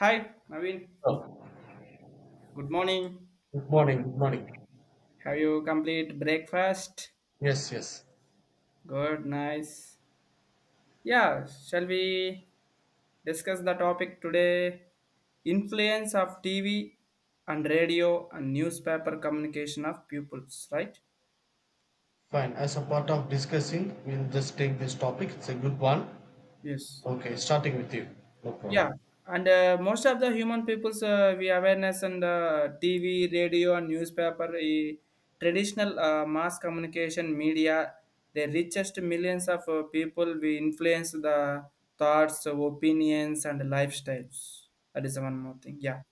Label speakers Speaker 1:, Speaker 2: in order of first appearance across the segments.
Speaker 1: Hi, Naveen.
Speaker 2: Oh,
Speaker 1: Good morning.
Speaker 2: good morning, good morning.
Speaker 1: Have you complete breakfast?
Speaker 2: Yes, yes.
Speaker 1: Good, nice. Yeah, shall we discuss the topic today? Influence of TV and radio and newspaper communication of pupils, right?
Speaker 2: Fine. As a part of discussing, we'll just take this topic. It's a good one.
Speaker 1: Yes.
Speaker 2: Okay, starting with you. No problem.
Speaker 1: Yeah, and most of the human people's we awareness and TV, radio, and newspaper, traditional mass communication media, the richest millions of people we influence the thoughts, opinions, and lifestyles. That is one more thing. Yeah.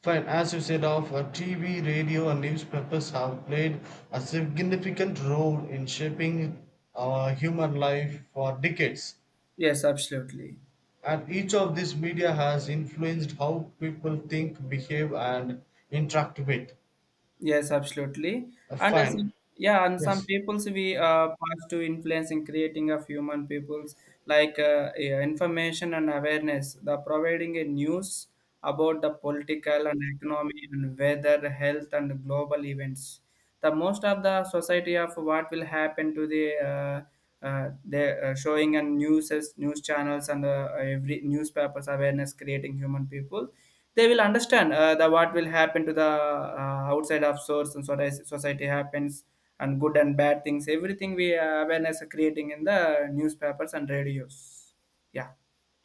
Speaker 2: Fine. As you said, of TV, radio, and newspapers have played a significant role in shaping our human life for decades.
Speaker 1: Yes, absolutely.
Speaker 2: And each of these media has influenced how people think, behave, and interact with.
Speaker 1: Yes, absolutely. And
Speaker 2: Fine.
Speaker 1: yeah, and
Speaker 2: Yes.
Speaker 1: some peoples we pass to influence in creating of human peoples like yeah, information and awareness. The providing a news about the political and economy and weather, health and global events. The most of the society of what will happen to the showing and news channels and every newspapers awareness creating human people they will understand the what will happen to the outside of source and society happens and good and bad things. Everything we awareness are creating in the newspapers and radios. Yeah,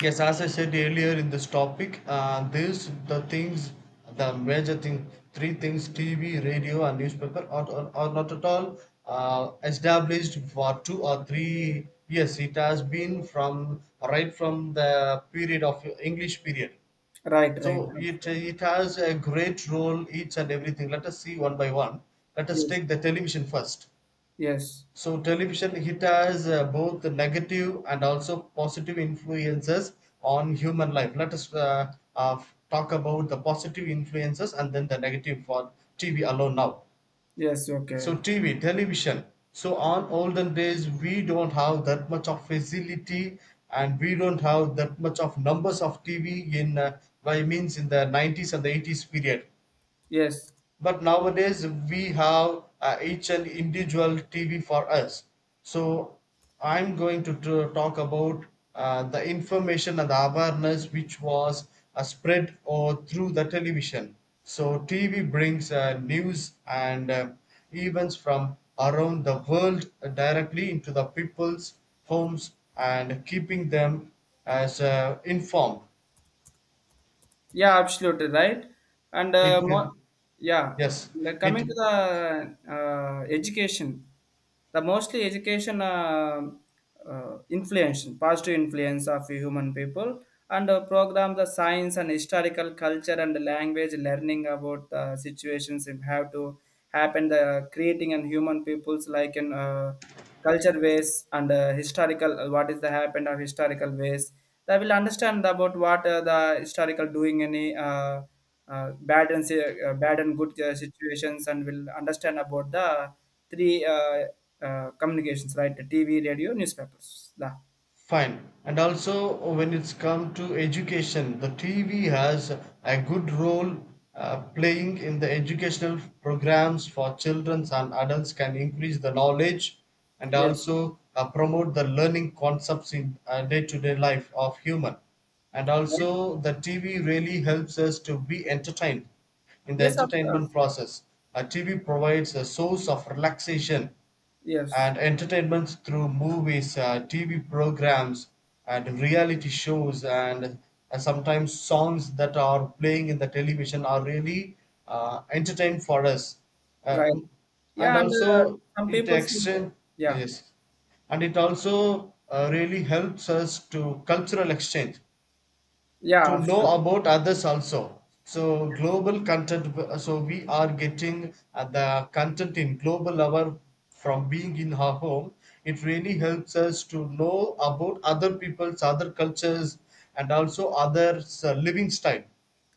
Speaker 2: Yes, as I said earlier in this topic, these the things, the major thing, three things: TV, radio, and newspaper are not at all established for 2 or 3 years. It has been from right from the period of English period.
Speaker 1: right, right.
Speaker 2: So it has a great role each and everything. Let us see one by one. Let us
Speaker 1: Yes,
Speaker 2: take the television first.
Speaker 1: yes,
Speaker 2: So television it has both negative and also positive influences on human life. Let us talk about the positive influences and then the negative for TV alone now.
Speaker 1: yes.
Speaker 2: So
Speaker 1: Okay,
Speaker 2: TV, television. So on olden days we don't have that much of facility and we don't have that much of numbers of TV in by means in the 90s and the 80s period,
Speaker 1: yes.
Speaker 2: but nowadays we have each and individual tv for us, so I'm going to talk about the information and the awareness which was spread or through the television. So tv brings news and events from around the world directly into the people's homes and keeping them as informed.
Speaker 1: Yeah, absolutely right. And
Speaker 2: It.
Speaker 1: yeah,
Speaker 2: Yes.
Speaker 1: and then
Speaker 2: It.
Speaker 1: coming to the education, the mostly education influence, positive influence of human people, and program the science and historical culture and language learning about the situations and how to happen the creating and human peoples like in culture ways and historical what is the happened of historical ways. I will understand about what the historical doing any bad and good situations, and will understand about the three communications, right? The TV, radio, newspapers. The,
Speaker 2: Fine. And also, when it's come to education, the TV has a good role playing in the educational programs for children and adults can increase the knowledge and
Speaker 1: yes,
Speaker 2: also promote the learning concepts in day to day life of human. And
Speaker 1: right.
Speaker 2: also, the TV really helps us to be entertained in the
Speaker 1: Yes, of
Speaker 2: entertainment
Speaker 1: course.
Speaker 2: process. TV provides a source of relaxation
Speaker 1: Yes,
Speaker 2: and entertainment through movies, TV programs, and reality shows, and sometimes songs that are playing in the television are really entertain for us. Uh,
Speaker 1: right.
Speaker 2: and
Speaker 1: Yeah, and
Speaker 2: also,
Speaker 1: some
Speaker 2: it
Speaker 1: people see.
Speaker 2: exchange,
Speaker 1: Yeah,
Speaker 2: yes, and it also really helps us to cultural exchange
Speaker 1: yeah,
Speaker 2: to know
Speaker 1: absolutely.
Speaker 2: about others also, so global content. So we are getting the content in global level from being in our home. It really helps us to know about other people's other cultures and also others living style.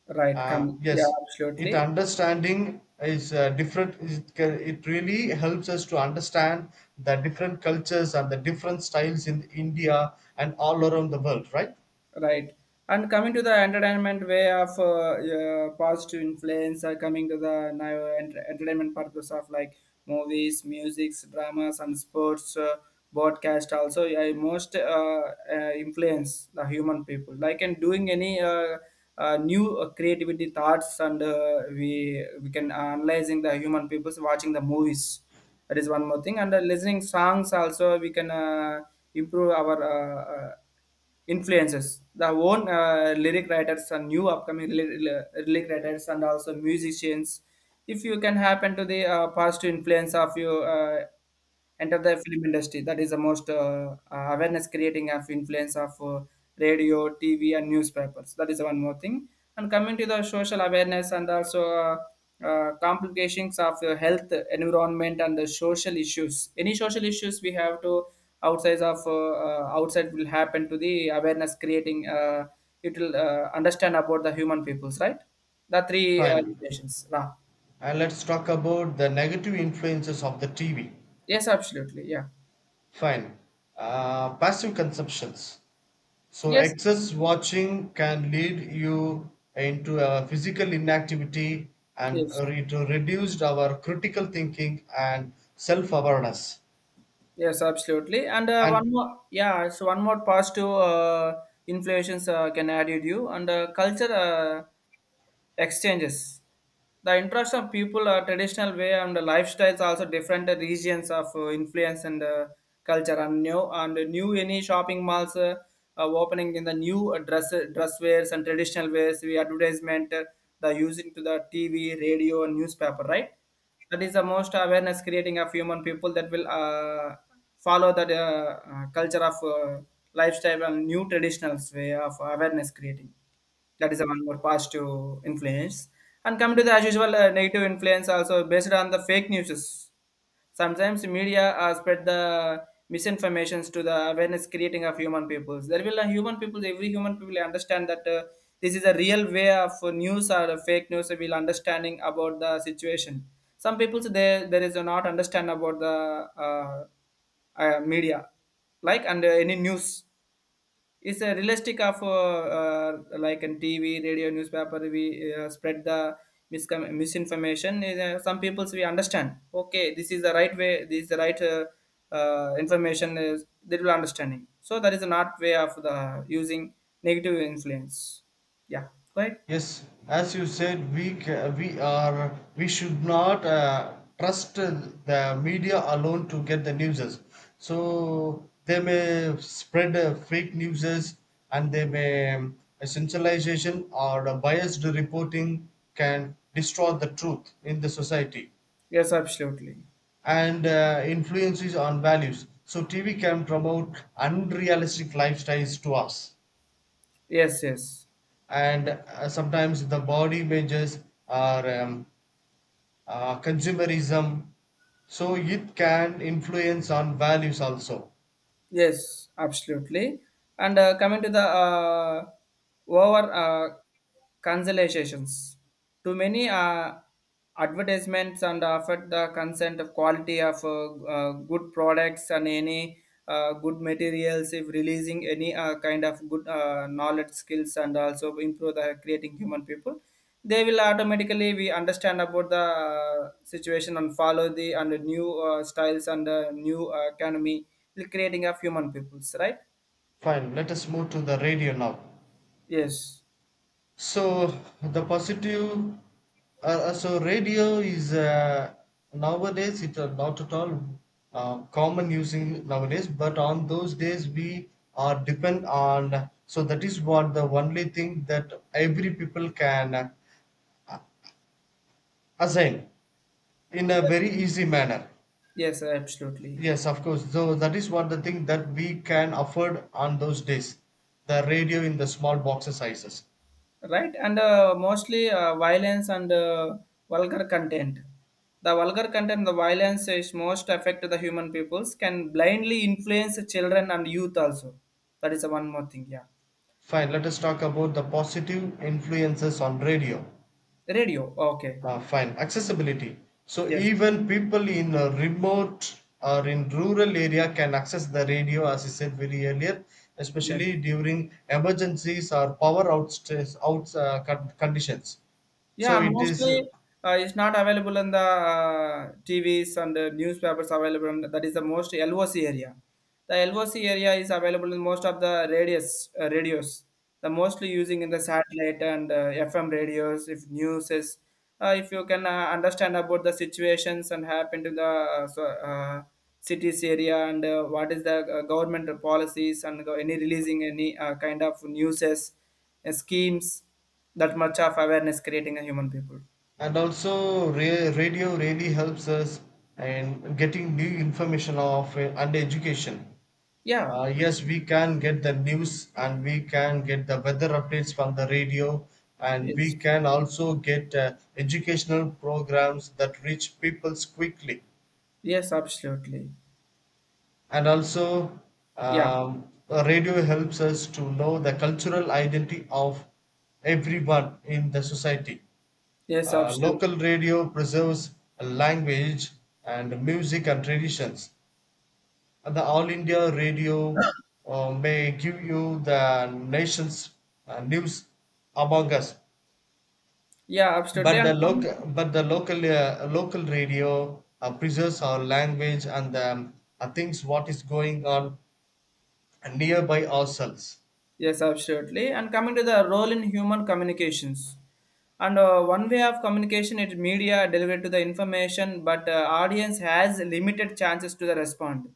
Speaker 1: Right. Can, yeah,
Speaker 2: yes, it
Speaker 1: absolutely.
Speaker 2: understanding is different. It it really helps us to understand the different cultures and the different styles in India and all around the world, right?
Speaker 1: Right. And coming to the entertainment way of positive influence, coming to the now entertainment purpose of like movies, musics, dramas, and sports, broadcast also, yeah, I most influence the human people. Like in doing any new creativity thoughts, and we can analyzing the human peoples watching the movies. That is one more thing, and listening songs also we can improve our. Influences the own lyric writers and new upcoming lyric writers and also musicians if you can happen to the positive influence of you enter the film industry. That is the most awareness creating of influence of radio, TV, and newspapers. That is one more thing. And coming to the social awareness and also complications of health environment and the social issues, any social issues we have to outside of outside will happen to the awareness creating, it will understand about the human peoples, right? The three
Speaker 2: Fine.
Speaker 1: limitations, Ra.
Speaker 2: And let's talk about the negative influences of the TV.
Speaker 1: Yes, absolutely, yeah.
Speaker 2: Fine. Passive consumptions. So,
Speaker 1: Yes,
Speaker 2: excess watching can lead you into a physical inactivity and
Speaker 1: yes,
Speaker 2: reduced our critical thinking and self awareness.
Speaker 1: yes, absolutely. And one
Speaker 2: And
Speaker 1: more, yeah, so one more positive influences can add it you, and culture exchanges, the interest of people are traditional way and the lifestyles also different regions of influence and culture and new, and new any shopping malls are opening in the new dress wares and traditional wares, we advertisement the using to the TV, radio, and newspaper, right? That is the most awareness creating of human people that will follow that culture of lifestyle and new traditional way of awareness creating. That is one more positive influence. And coming to the as usual negative influence also based on the fake news. Sometimes media spread the misinformations to the awareness creating of human peoples. There will a human people, every human people understand that this is a real way of news or a fake news, will understanding about the situation. Some people, they there is a not understand about the uh, media like and any news, it's a realistic of like in TV, radio, newspaper. We spread the misinformation. Some peoples we understand. Okay, this is the right way. This is the right information. Is they will understanding. So that is not way of the using negative influence. Yeah, right.
Speaker 2: yes, as you said, we ca- we are we should not trust the media alone to get the newses. So they may spread fake newses, and they may sensationalization or the biased reporting can destroy the truth in the society.
Speaker 1: Yes, absolutely.
Speaker 2: And influences on values. So TV can promote unrealistic lifestyles to us,
Speaker 1: Yes, yes.
Speaker 2: and sometimes the body images are. Consumerism, so it can influence on values also.
Speaker 1: Yes, absolutely. And coming to the over cancelizations, too many advertisements and affect the consent of quality of good products and any good materials. If releasing any kind of good knowledge skills and also improve the creating human people, they will automatically we understand about the situation and follow the and the new styles and the new economy will creating of human peoples, right?
Speaker 2: Fine, let us move to the radio now.
Speaker 1: Yes,
Speaker 2: So the positive so radio is nowadays it are not at all common using nowadays, but on those days we are depend on, so that is what the only thing that every people can assign in a very
Speaker 1: yes,
Speaker 2: easy manner.
Speaker 1: yes, absolutely.
Speaker 2: Yes, of course. So that is what the thing that we can afford on those days. The radio in the small boxes sizes.
Speaker 1: Right, and mostly violence and vulgar content, the vulgar content, the violence is most affect the human peoples, can blindly influence children and youth also. That is the one more thing, yeah.
Speaker 2: Fine, let us talk about the positive influences on radio.
Speaker 1: Radio, okay.
Speaker 2: Fine, accessibility. So
Speaker 1: Yes,
Speaker 2: even people in a remote or in rural area can access the radio, as I said very earlier,
Speaker 1: yes.
Speaker 2: especially during emergencies or power outs, conditions. So
Speaker 1: Yeah, and
Speaker 2: it is,
Speaker 1: mostly it's not available in the TVs and the newspapers available. That is the most LOC area. The LOC area is available in most of the radius radios. The mostly using in the satellite and FM radios. If news is, if you can understand about the situations and happen to the so cities area, and what is the government policies and any releasing any kind of newses, schemes, that much of awareness creating a human people.
Speaker 2: and also radio really helps us in getting new information of and education.
Speaker 1: Yeah, abs-,
Speaker 2: Yes, we can get the news and we can get the weather updates from the radio, and we
Speaker 1: yes,
Speaker 2: can also get educational programs that reach peoples quickly.
Speaker 1: yes, absolutely.
Speaker 2: And also
Speaker 1: Yeah,
Speaker 2: radio helps us to know the cultural identity of everyone in the society.
Speaker 1: yes, absolutely.
Speaker 2: Local radio preserves language and music and traditions. And the All India Radio may give you the nation's news among us,
Speaker 1: Yeah, absolutely,
Speaker 2: but the
Speaker 1: and coming
Speaker 2: local
Speaker 1: to
Speaker 2: but the local uh, local radio preserves our language and things what is going on nearby ourselves.
Speaker 1: yes, absolutely, and coming to the role in human communications, and one way of communication is media delivered to the information, but audience has limited chances to the respond.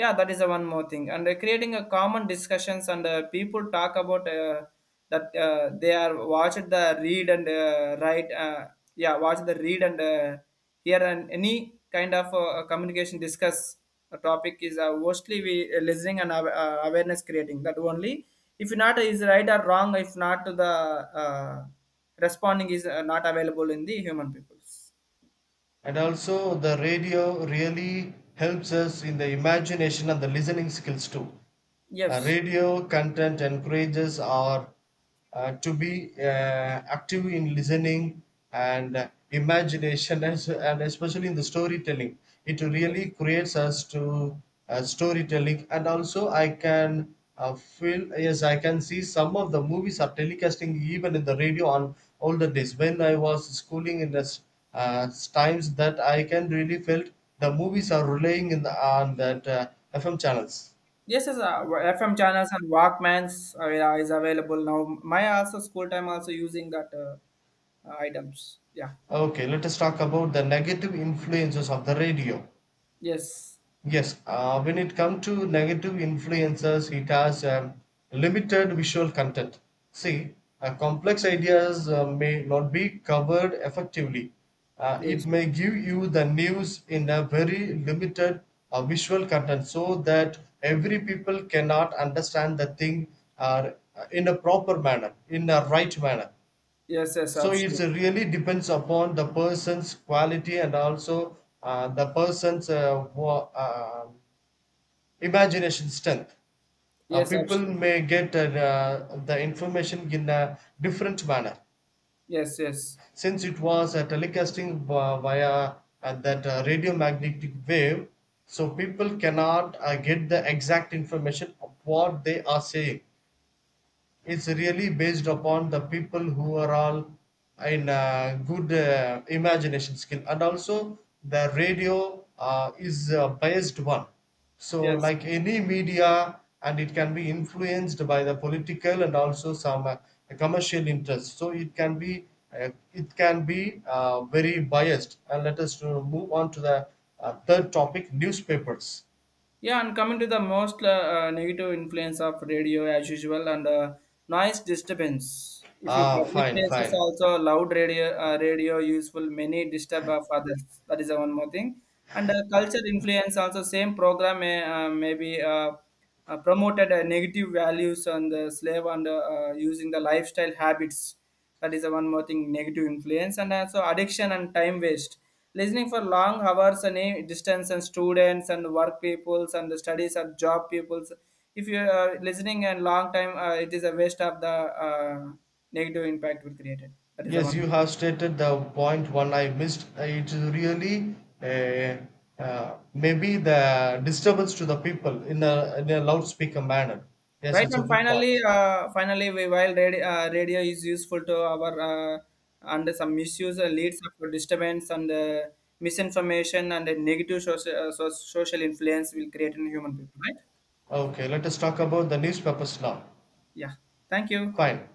Speaker 1: Yeah, that is the one more thing. And creating a common discussions and people talk about that they are watch the read and write, yeah, watch the read and hear and any kind of communication discuss a topic is mostly we listening and awareness creating that only, if not is right or wrong, if not the uh, responding is not available in the human peoples.
Speaker 2: And also, the radio really helps us in the imagination and the listening skills too.
Speaker 1: Yes.
Speaker 2: Radio content encourages or to be active in listening and imagination and, and especially in the storytelling. It really
Speaker 1: Yes.
Speaker 2: creates us to storytelling. And also I can feel yes, I can see some of the movies are telecasting even in the radio on older days when I was schooling in the uh, times that I can really felt the movies are relaying in the, on that fm channels.
Speaker 1: Yes, yes, FM channels and Walkmans are, is available now. My also school time also using that items. Yeah.
Speaker 2: Okay, let us talk about the negative influences of the radio.
Speaker 1: Yes.
Speaker 2: Yes, when it comes to negative influences, it has limited visual content. See, complex ideas may not be covered effectively. It
Speaker 1: Yes.
Speaker 2: may give you the news in a very limited visual content, so that every people cannot understand the thing uh, in a proper manner, in a right manner.
Speaker 1: Yes. Yes.
Speaker 2: So it's
Speaker 1: Absolutely.
Speaker 2: really depends upon the person's quality and also the person's imagination strength.
Speaker 1: Yes.
Speaker 2: People
Speaker 1: Absolutely.
Speaker 2: may get the information in a different manner.
Speaker 1: Yes. Yes.
Speaker 2: Since it was a telecasting via that radiomagnetic wave, so people cannot get the exact information of what they are saying. It's really based upon the people who are all in good imagination skill, and also the radio is a biased one. So,
Speaker 1: Yes.
Speaker 2: like any media, and it can be influenced by the political and also some commercial interests. So, it can be very biased. And let us move on to the third topic: newspapers.
Speaker 1: Yeah, and coming to the most negative influence of radio as usual, and noise disturbance. If you
Speaker 2: Ah,
Speaker 1: public
Speaker 2: fine,
Speaker 1: places
Speaker 2: fine.
Speaker 1: also loud radio, radio useful many disturb of others. That is the one more thing. And culture influence also, same program may maybe promoted negative values on the slave and using the lifestyle habits. That is the one more thing negative influence. And also addiction and time waste, listening for long hours and distance and students and work peoples and the studies and job peoples, if you are listening and long time, it is a waste of the uh, negative impact will created. That is the
Speaker 2: Yes, you
Speaker 1: one.
Speaker 2: have stated the point one I missed. It's really uh, maybe the disturbance to the people in a loudspeaker manner. Yes,
Speaker 1: Right,
Speaker 2: it's a
Speaker 1: and
Speaker 2: good
Speaker 1: finally
Speaker 2: point.
Speaker 1: finally we, while radio, radio is useful to our, and some misuse leads up to disturbance and misinformation and a negative social, social influence will create in human people, right?
Speaker 2: Okay, let us talk about the newspapers now.
Speaker 1: Yeah. Thank you.
Speaker 2: Fine.